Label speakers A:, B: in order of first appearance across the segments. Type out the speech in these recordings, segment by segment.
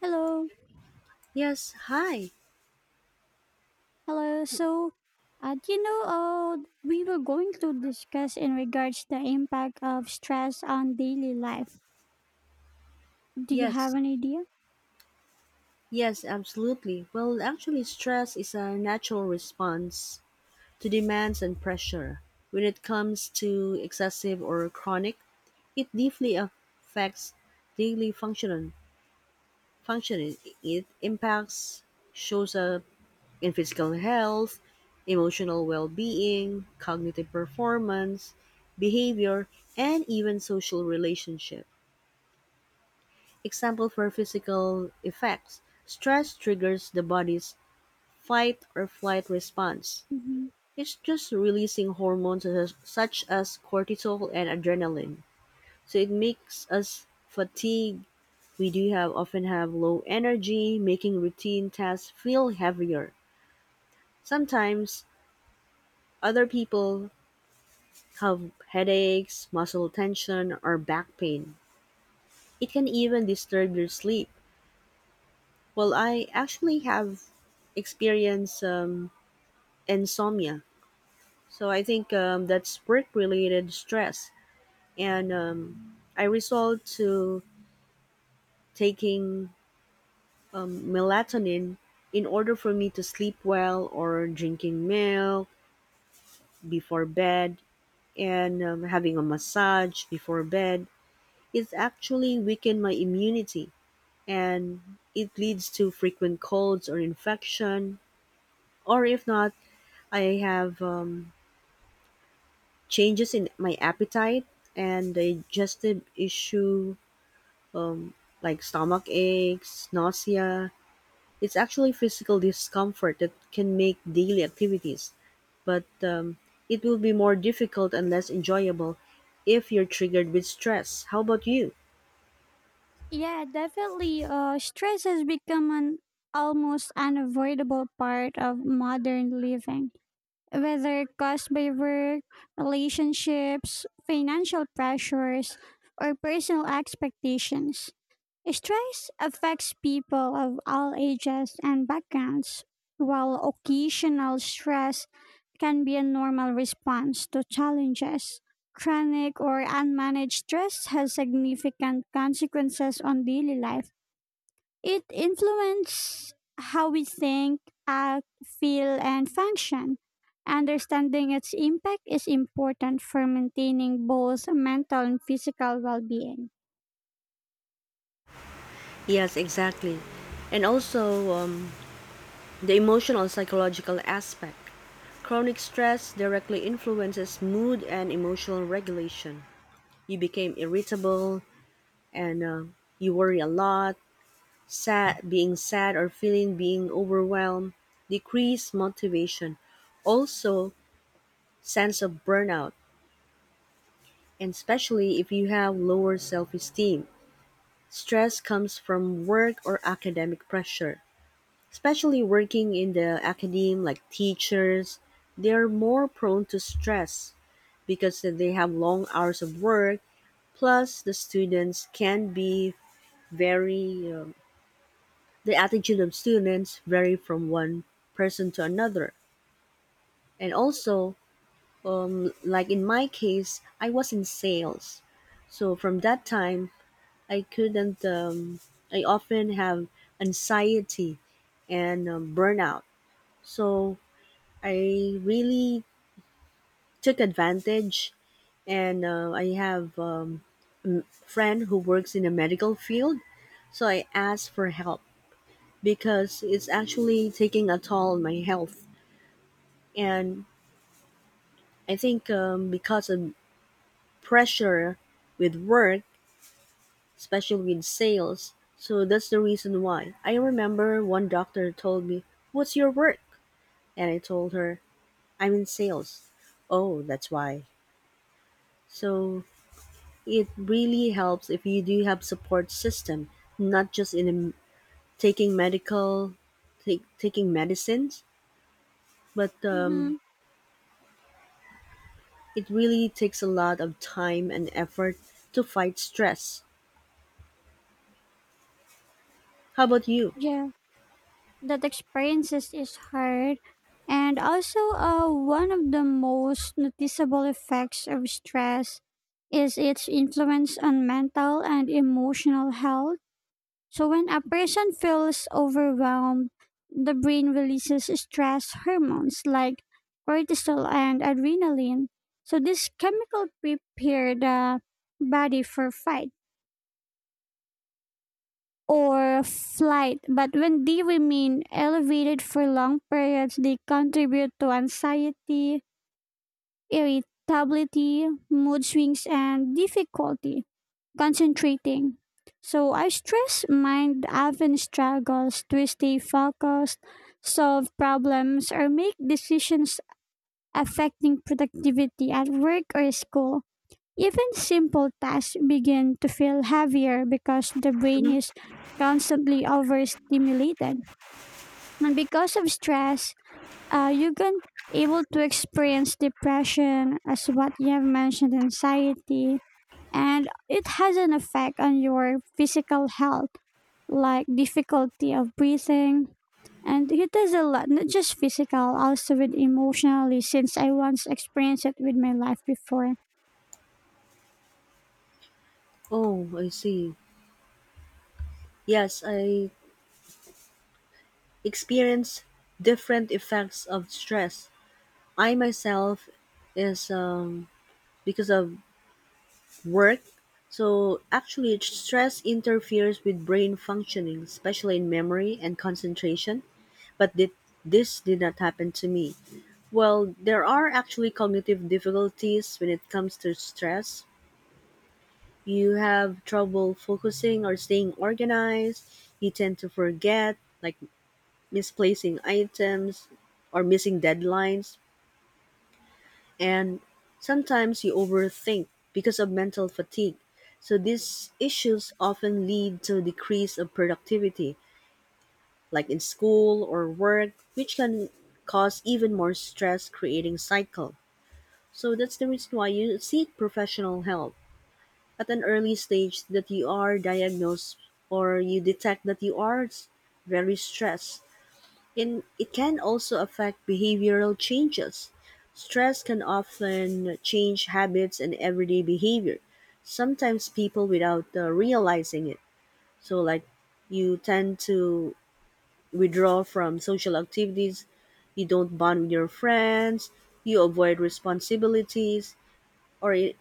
A: Hello,
B: Yes, hi.
A: hello. So, uh, do you know, uh, we were going to discuss in regards the impact of stress on daily life. Do you have
B: Yes,
A: an idea?
B: yes, absolutely. Well, actually, stress is a natural response to demands and pressure. When it comes to excessive or chronic, it deeply affects daily function. Functioning. It impacts, shows up in physical health, emotional well-being, cognitive performance, behavior, and even social relationships. Example for physical effects stress triggers the body's fight or flight response.
A: hmm
B: It's just releasing hormones such as cortisol and adrenaline. So it makes us fatigued. We do have often have low energy, making routine tasks feel heavier. Sometimes other people have headaches, muscle tension, or back pain. It can even disturb your sleep. Well, I actually have experienced insomnia. So I think that's work related stress, and I resort to taking melatonin in order for me to sleep well, or drinking milk before bed, and having a massage before bed. It's actually weakened my immunity, and it leads to frequent colds or infection, or if not, I have changes in my appetite and digestive issue like stomach aches, nausea. It's actually physical discomfort that can make daily activities, but it will be more difficult and less enjoyable if you're triggered with stress. How about you?
A: Yeah, definitely. Stress has become an almost unavoidable part of modern living, whether caused by work, relationships, financial pressures, or personal expectations. Stress affects people of all ages and backgrounds, while occasional stress can be a normal response to challenges. Chronic or unmanaged stress has significant consequences on daily life. It influences how we think, act, feel, and function. Understanding its impact is important for maintaining both mental and physical well being.
B: Yes, exactly. And also the emotional psychological aspect. Chronic stress directly influences mood and emotional regulation. You became irritable, and you worry a lot, sad, being sad or feeling being overwhelmed, decrease motivation, also sense of burnout, and especially if you have lower self-esteem. Stress comes from work or academic pressure, especially working in the academe like teachers. They are more prone to stress because they have long hours of work. Plus, the students can be very the attitude of students vary from one person to another, and also, like in my case, I was in sales, so from that time I couldn't. I often have anxiety and burnout, so I really took advantage, and I have friend who works in the medical field, so I asked for help because it's actually taking a toll on my health and I think because of pressure with work, especially with sales. So that's the reason why. I remember one doctor told me, what's your work? And I told her, I'm in sales. Oh, that's why. So it really helps if you do have support system, not just in taking medical, taking medicines, but
A: Mm-hmm.
B: it really takes a lot of time and effort to fight stress. How about you?
A: Yeah, that experiences is hard, and also one of the most noticeable effects of stress is its influence on mental and emotional health. So when a person feels overwhelmed, the brain releases stress hormones like cortisol and adrenaline. So this chemical prepare the body for fight or flight, but when they remain elevated for long periods, they contribute to anxiety, irritability, mood swings, and difficulty concentrating. So, our stressed mind often struggles to stay focused, solve problems, or make decisions affecting productivity at work or school. Even simple tasks begin to feel heavier because the brain is constantly overstimulated. And because of stress, you can able to experience depression as what you have mentioned, anxiety, and it has an effect on your physical health, like difficulty of breathing. And it has a lot, not just physical, also with emotionally, since I once experienced it with my life before.
B: Oh, I see. Yes, I experience different effects of stress. I myself is because of work. So actually, stress interferes with brain functioning, especially in memory and concentration. But did, this did not happen to me. Well, there are actually cognitive difficulties when it comes to stress. You have trouble focusing or staying organized. You tend to forget, like misplacing items or missing deadlines and sometimes you overthink because of mental fatigue, so these issues often lead to decrease of productivity like in school or work, which can cause even more stress creating cycle. So that's the reason why you seek professional help at an early stage that you are diagnosed or you detect that very stressed. In, it can also affect behavioral changes. Stress can often change habits and everyday behavior, sometimes people without realizing it. So, like, you tend to withdraw from social activities, you don't bond with your friends, you avoid responsibilities, or, it,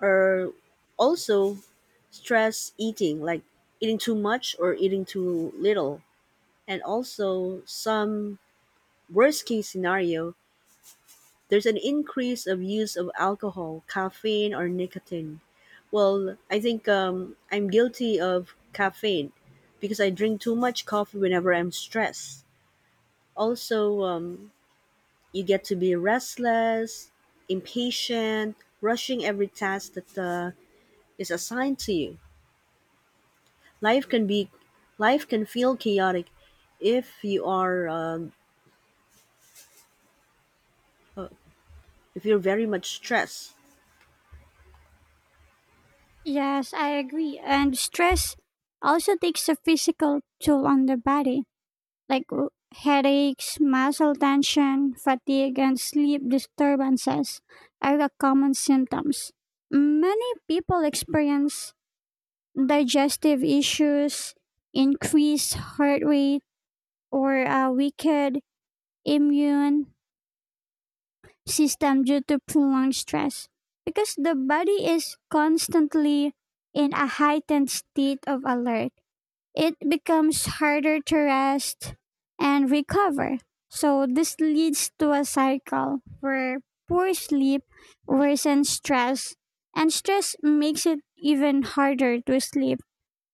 B: or also stress eating, like eating too much or eating too little. And also, some worst case scenario, there's an increase of use of alcohol, caffeine, or nicotine. Well, I think I'm guilty of caffeine because I drink too much coffee whenever I'm stressed. Also, you get to be restless, impatient, rushing every task that is assigned to you. Life can be, life can feel chaotic if you are if you're very much stressed.
A: Yes, I agree. And stress also takes a physical toll on the body, like headaches, muscle tension, fatigue, and sleep disturbances are the common symptoms. Many people experience digestive issues, increased heart rate, or a weakened immune system due to prolonged stress. Because the body is constantly in a heightened state of alert, it becomes harder to rest and recover. So this leads to a cycle where poor sleep worsens stress and stress makes it even harder to sleep.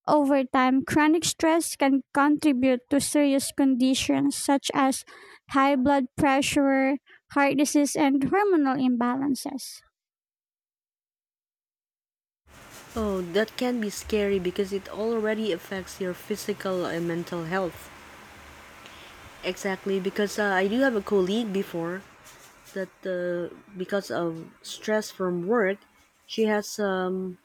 A: Over time, chronic stress can contribute to serious conditions such as high blood pressure, heart disease, and hormonal imbalances.
B: Oh, that can be scary because it already affects your physical and mental health. Exactly, because I do have a colleague before that because of stress from work, she has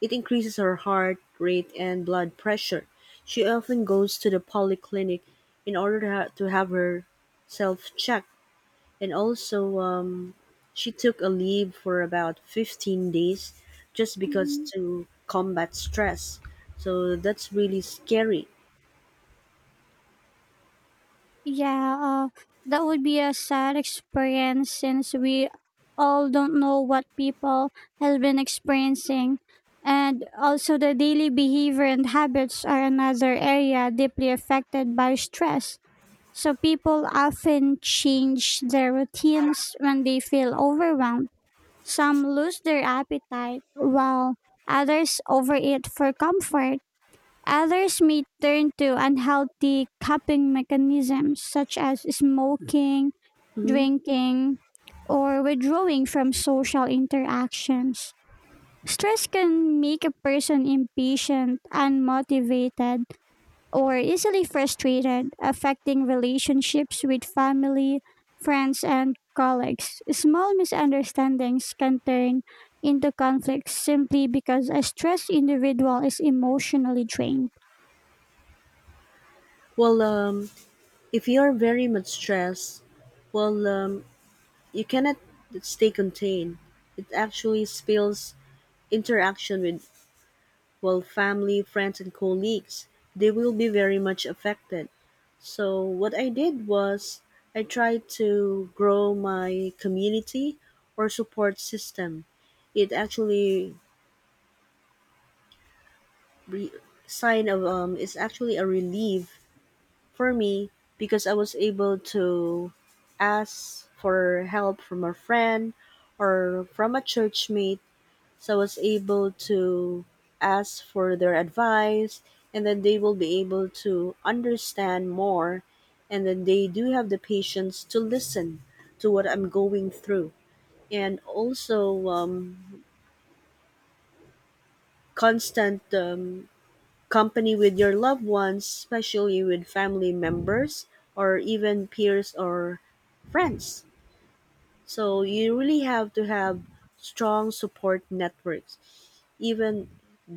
B: it increases her heart rate and blood pressure. She often goes to the polyclinic in order to, to have her self checked and also she took a leave for about 15 days just because
A: Mhm.
B: to combat stress, so that's really scary.
A: Yeah, that would be a sad experience since we all don't know what people have been experiencing. And also, the daily behavior and habits are another area deeply affected by stress. So, people often change their routines when they feel overwhelmed. Some lose their appetite, while others overeat for comfort. Others may turn to unhealthy coping mechanisms such as smoking,
B: Hmm.
A: drinking, or withdrawing from social interactions. Stress can make a person impatient, unmotivated, or easily frustrated, affecting relationships with family, friends, and colleagues. Small misunderstandings can turn into conflicts simply because a stressed individual is emotionally drained.
B: Well, if you are very much stressed, well, you cannot stay contained, it actually spills interaction with, well, family, friends, and colleagues, they will be very much affected. So what I did was I tried to grow my community or support system. It actually re- sign of is actually a relief for me because I was able to ask for help from a friend or from a church mate. So I was able to ask for their advice, and then they will be able to understand more, and then they do have the patience to listen to what I'm going through. And also, constant company with your loved ones, especially with family members or even peers or friends. So you really have to have strong support networks, even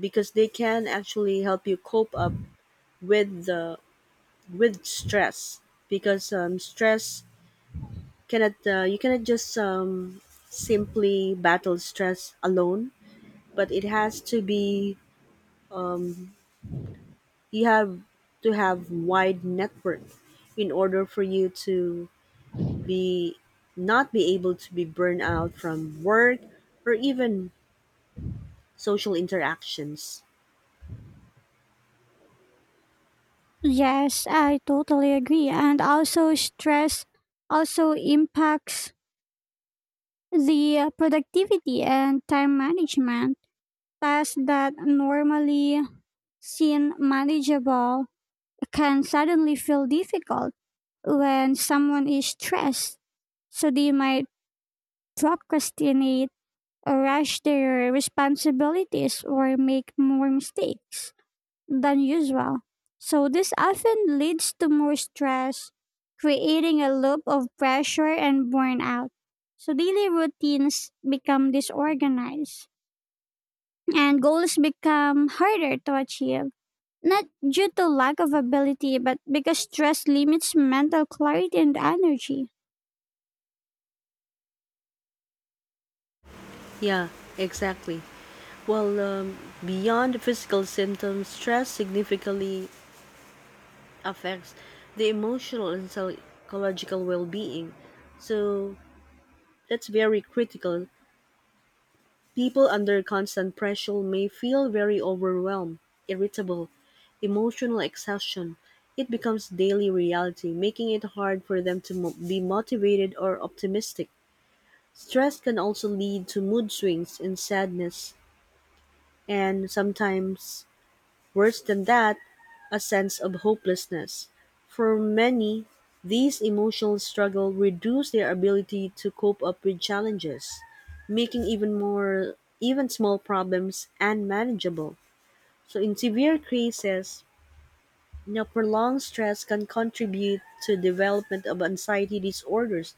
B: because they can actually help you cope up with the with stress, because stress cannot you cannot just simply battle stress alone, but it has to be, you have to have wide network in order for you to be not be able to be burned out from work or even social interactions.
A: Yes, I totally agree. And also, stress also impacts the productivity and time management. Tasks that normally seem manageable can suddenly feel difficult when someone is stressed. So they might procrastinate, or rush their responsibilities, or make more mistakes than usual. So, this often leads to more stress, creating a loop of pressure and burnout. So, daily routines become disorganized and goals become harder to achieve, not due to lack of ability, but because stress limits mental clarity and energy.
B: Yeah, exactly. Well, beyond the physical symptoms, stress significantly affects the emotional and psychological well being. So that's very critical. People under constant pressure may feel very overwhelmed, irritable, emotional exhaustion. It becomes daily reality, making it hard for them to be motivated or optimistic. Stress can also lead to mood swings and sadness, and sometimes worse than that, a sense of hopelessness. For many, these emotional struggles reduce their ability to cope up with challenges, making even more even small problems unmanageable. So in severe cases, you know, prolonged stress can contribute to development of anxiety disorders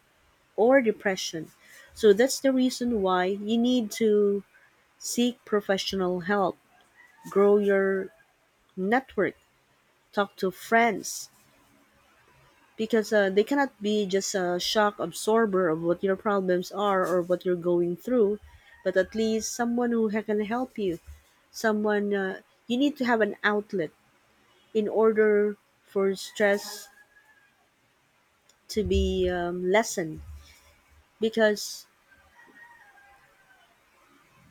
B: or depression. So that's the reason why you need to seek professional help, grow your network, talk to friends, because they cannot be just a shock absorber of what your problems are or what you're going through, but at least someone who can help you, someone you need to have an outlet in order for stress to be lessened, because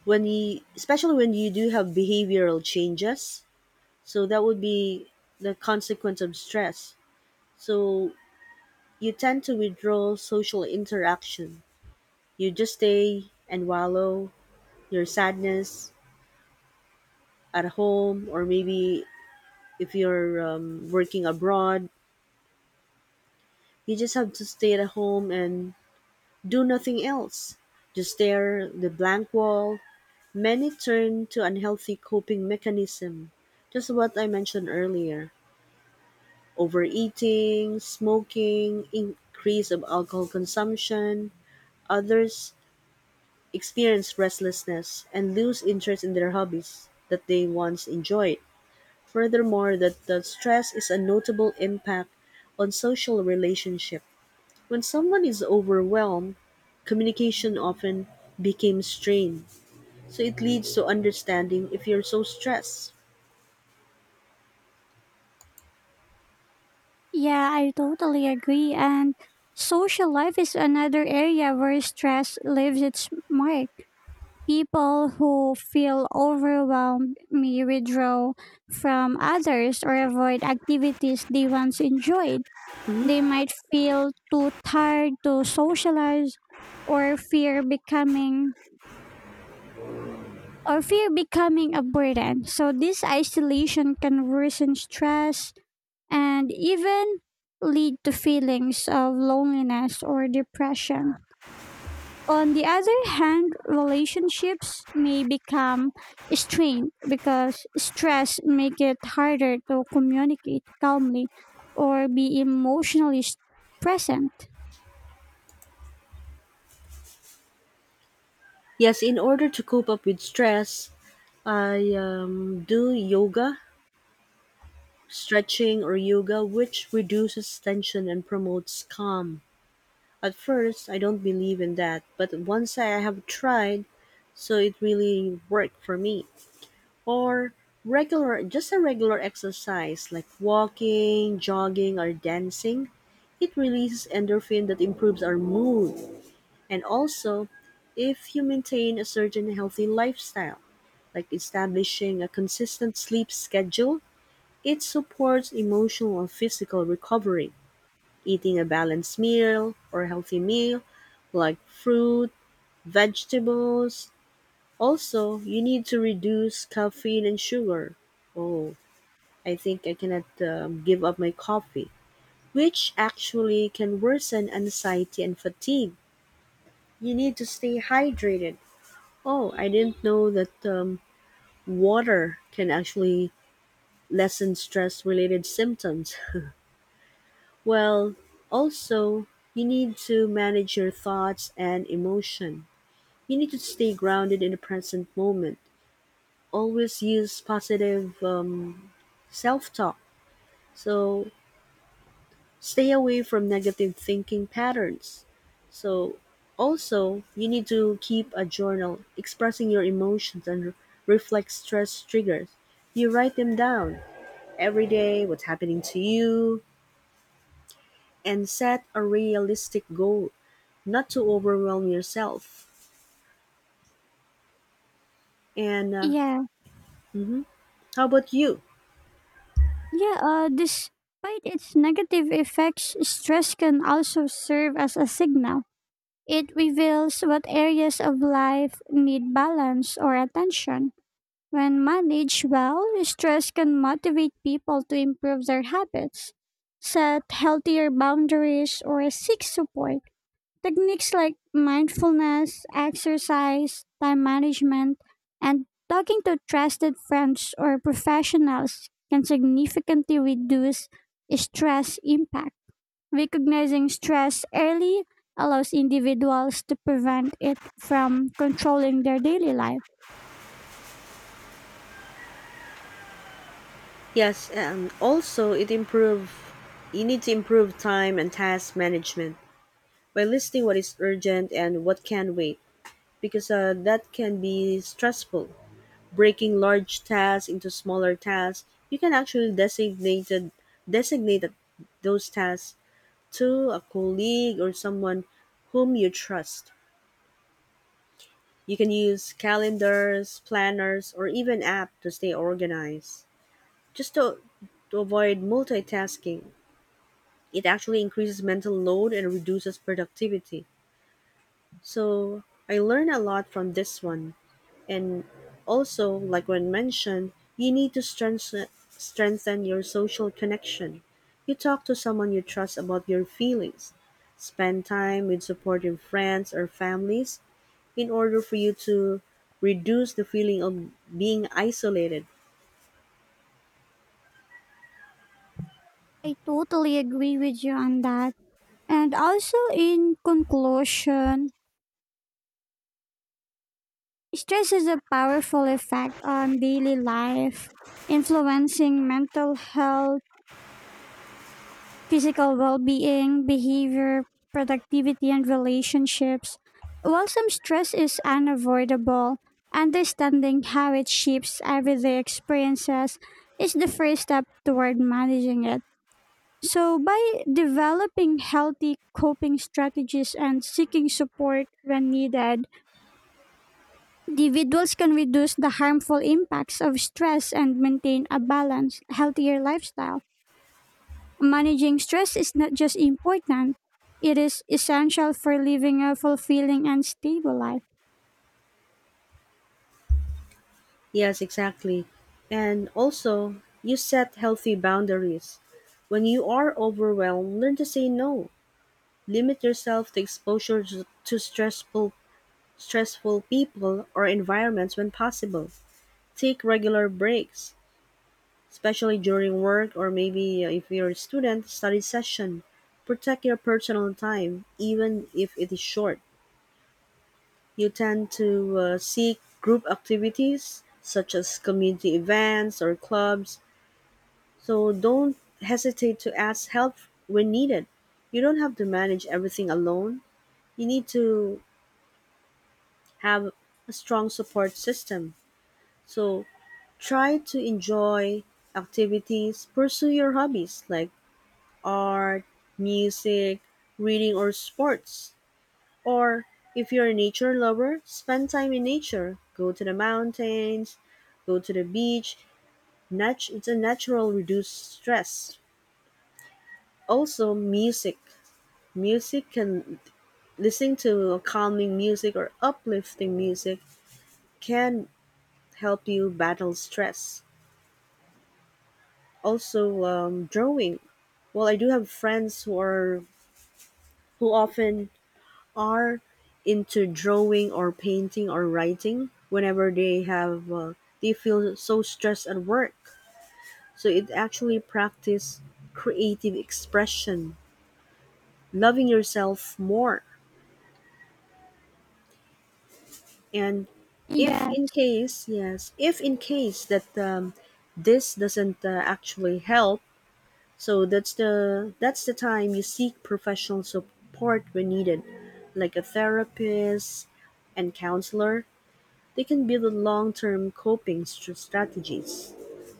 B: when you, especially when you do have behavioral changes, so that would be the consequence of stress. So you tend to withdraw social interaction, you just stay and wallow your sadness at home, or maybe if you're working abroad, you just have to stay at home and do nothing else, just stare at the blank wall. Many turn to unhealthy coping mechanism, just what I mentioned earlier, overeating, smoking, increase of alcohol consumption. Others experience restlessness and lose interest in their hobbies that they once enjoyed. Furthermore, that the stress is a notable impact on social relationship. When someone is overwhelmed, communication often becomes strained. So it leads to understanding if you're so stressed.
A: Yeah, I totally agree. And social life is another area where stress leaves its mark. People who feel overwhelmed may withdraw from others or avoid activities they once enjoyed.
B: Mhm.
A: They might feel too tired to socialize or fear becoming or fear becoming a burden. So this isolation can worsen stress and even lead to feelings of loneliness or depression. On the other hand, relationships may become strained because stress make it harder to communicate calmly or be emotionally present.
B: Yes, in order to cope up with stress, I do yoga, stretching or yoga, which reduces tension and promotes calm. At first, I don't believe in that, but once I have tried, so it really worked for me. Or regular, just a regular exercise like walking, jogging, or dancing, it releases endorphin that improves our mood. And also, if you maintain a certain healthy lifestyle, like establishing a consistent sleep schedule, it supports emotional and physical recovery. Eating a balanced meal or healthy meal like fruit, vegetables. Also, you need to reduce caffeine and sugar. Oh, I think I cannot give up my coffee, which actually can worsen anxiety and fatigue. You need to stay hydrated. Oh, I didn't know that water can actually lessen stress related symptoms. Well, also, you need to manage your thoughts and emotion. You need to stay grounded in the present moment. Always use positive self talk. So stay away from negative thinking patterns. So, also, you need to keep a journal expressing your emotions and reflect stress triggers. You write them down every day, what's happening to you, and set a realistic goal, not to overwhelm yourself. And
A: Yeah.
B: mhm. How about you?
A: Yeah, despite its negative effects, stress can also serve as a signal. It reveals what areas of life need balance or attention. When managed well, stress can motivate people to improve their habits, set healthier boundaries, or seek support. Techniques like mindfulness, exercise, time management, and talking to trusted friends or professionals can significantly reduce stress impact. Recognizing stress early allows individuals to prevent it from controlling their daily life.
B: Yes, and also it improve. You need to improve time and task management by listing what is urgent and what can wait, because that can be stressful. Breaking large tasks into smaller tasks, you can actually designate those tasks to a colleague or someone whom you trust. You can use calendars, planners, or even app to stay organized. Just to, to avoid multitasking, it actually increases mental load and reduces productivity. So I learned a lot from this one. And also, like when mentioned, you need to strengthen your social connection. You talk to someone you trust about your feelings. Spend time with supportive friends or families in order for you to reduce the feeling of being isolated.
A: I totally agree with you on that. And also, in conclusion, stress is a powerful effect on daily life, influencing mental health, physical well being, behavior, productivity, and relationships. While some stress is unavoidable, understanding how it shapes everyday experiences is the first step toward managing it. So, by developing healthy coping strategies and seeking support when needed, individuals can reduce the harmful impacts of stress and maintain a balanced, healthier lifestyle. Managing stress is not just important, it is essential for living a fulfilling and stable life.
B: Yes, exactly. And also, you set healthy boundaries. When you are overwhelmed, learn to say no. Limit yourself to exposure to stressful people, or environments when possible. Take regular breaks, especially during work or maybe if you're a student, study session. Protect your personal time, even if it is short. You tend to seek group activities such as community events or clubs, so don't hesitate to ask help when needed. You don't have to manage everything alone. You need to have a strong support system. So try to enjoy activities, pursue your hobbies like art, music, reading, or sports. Or if you're a nature lover, spend time in nature. Go to the mountains, go to the beach. It's a natural reduce stress. Also, music. Music can listening to calming music or uplifting music, can help you battle stress. Also, drawing. Well, I do have friends who are, who often are into drawing or painting or writing whenever they have they feel so stressed at work. So it actually practice creative expression, loving yourself more, and if
A: Yes,
B: in case, yes, if in case that, this doesn't actually help, so that's the time you seek professional support when needed, like a therapist and counselor. They can build long-term coping strategies,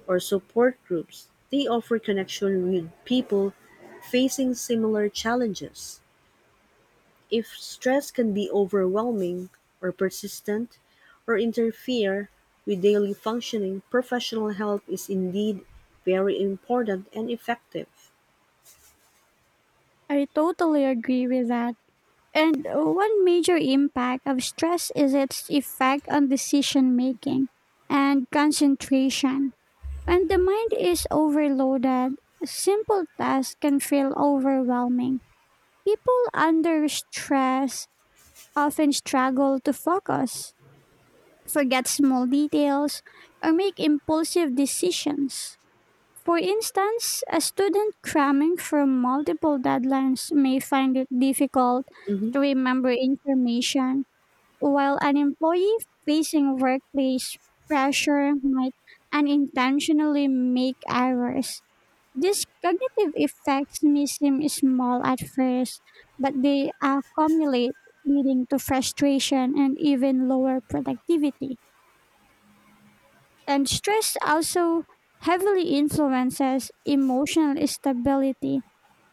B: or support groups. They offer connection with people facing similar challenges. If stress can be overwhelming or persistent or interfere with daily functioning, professional help is indeed very important and effective.
A: I totally agree with that. And one major impact of stress is its effect on decision making and concentration. When the mind is overloaded, simple tasks can feel overwhelming. People under stress often struggle to focus, forget small details, or make impulsive decisions. For instance, a student cramming from multiple deadlines may find it difficult
B: Mhm.
A: to remember information, while an employee facing workplace pressure might unintentionally make errors. These cognitive effects may seem small at first, but they accumulate, leading to frustration and even lower productivity. And stress also heavily influences emotional stability.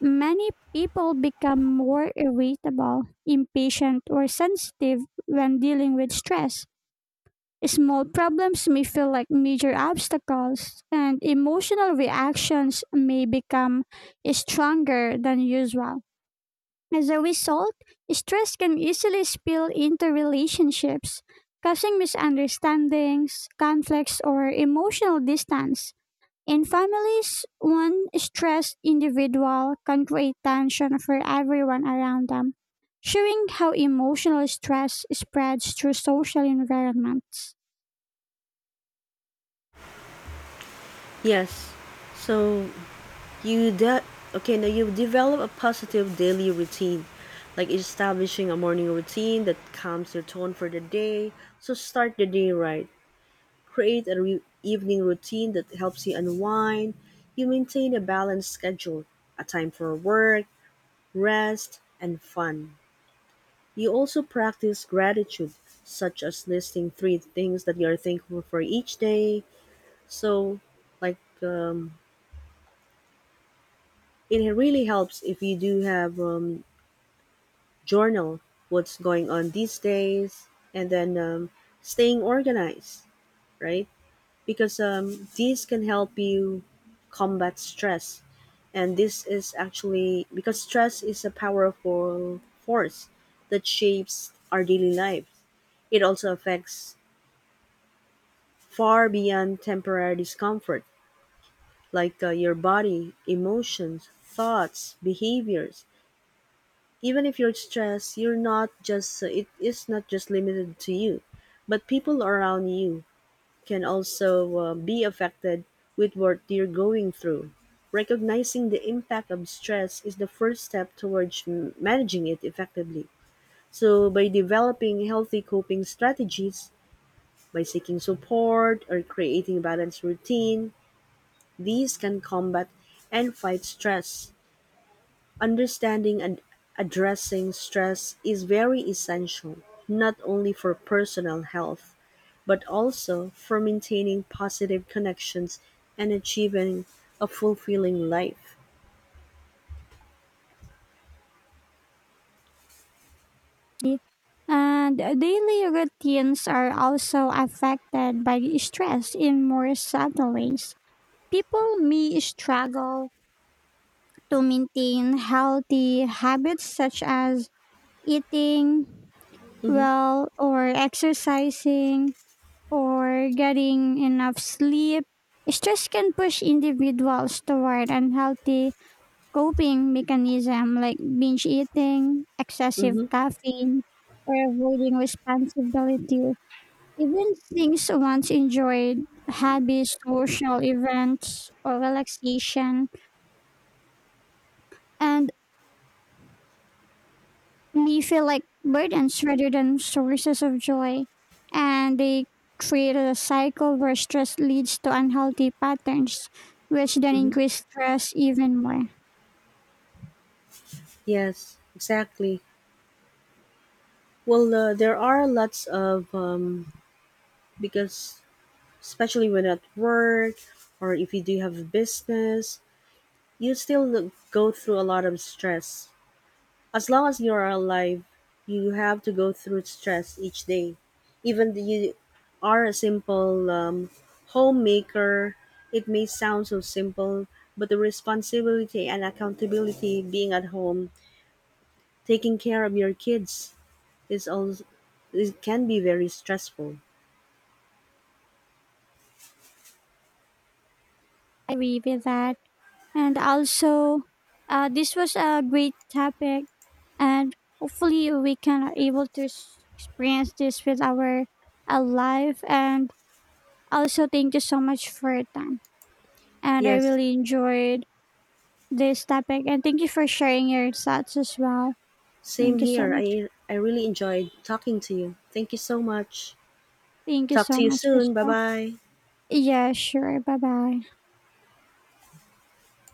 A: Many people become more irritable, impatient, or sensitive when dealing with stress. Small problems may feel like major obstacles, and emotional reactions may become stronger than usual. As a result, stress can easily spill into relationships, causing misunderstandings, conflicts, or emotional distance. In families, one stressed individual can create tension for everyone around them, showing how emotional stress spreads through social environments.
B: Yes. So you de- okay, now you develop a positive daily routine, like establishing a morning routine that calms your tone for the day. So start the day right. Create a evening routine that helps you unwind. You maintain a balanced schedule, a time for work, rest, and fun. You also practice gratitude, such as listing 3 things that you are thankful for each day. So, like, it really helps if you do have, journal what's going on these days, and then, staying organized, right? Because, these can help you combat stress. And this is actually because stress is a powerful force that shapes our daily life. It also affects far beyond temporary discomfort, like, your body, emotions, thoughts, behaviors. Even if you're stressed, you're not just it is not just limited to you, but people around you can also be affected with what you're going through. Recognizing the impact of stress is the first step towards managing it effectively. So, by developing healthy coping strategies, by seeking support or creating a balanced routine, these can combat and fight stress. Understanding and addressing stress is very essential, not only for personal health, but also for maintaining positive connections and achieving a fulfilling life.
A: And daily routines are also affected by stress in more subtle ways. People may struggle to maintain healthy habits such as eating
B: Hmm.
A: well or exercising or getting enough sleep. Stress can push individuals toward unhealthy coping mechanism like binge eating, excessive
B: Hmm.
A: caffeine, or avoiding responsibilities. Even things once enjoyed, hobbies, social events, or relaxation, and may feel like burdens rather than sources of joy. And they create a cycle where stress leads to unhealthy patterns, which then
B: Hmm.
A: increase stress even more.
B: Yes, exactly. Well, there are lots of, because especially when at work or if you do have a business, you still go through a lot of stress. As long as you are alive, you have to go through stress each day. Even if you are a simple, homemaker, it may sound so simple, but the responsibility and accountability being at home, taking care of your kids is also, it can be very stressful.
A: I agree with that. And also, this was a great topic, and hopefully, we can are able to experience this with our life. And also, thank you so much for your time. And I
B: Yes,
A: really enjoyed this topic, and thank you for sharing your thoughts as well.
B: same
A: Thank you so
B: here.
A: much.
B: I really enjoyed talking to you. Thank you so much.
A: Thank you
B: Talk to
A: so
B: you
A: much as
B: soon. Bye
A: well.
B: bye.
A: Yeah, sure. Bye bye.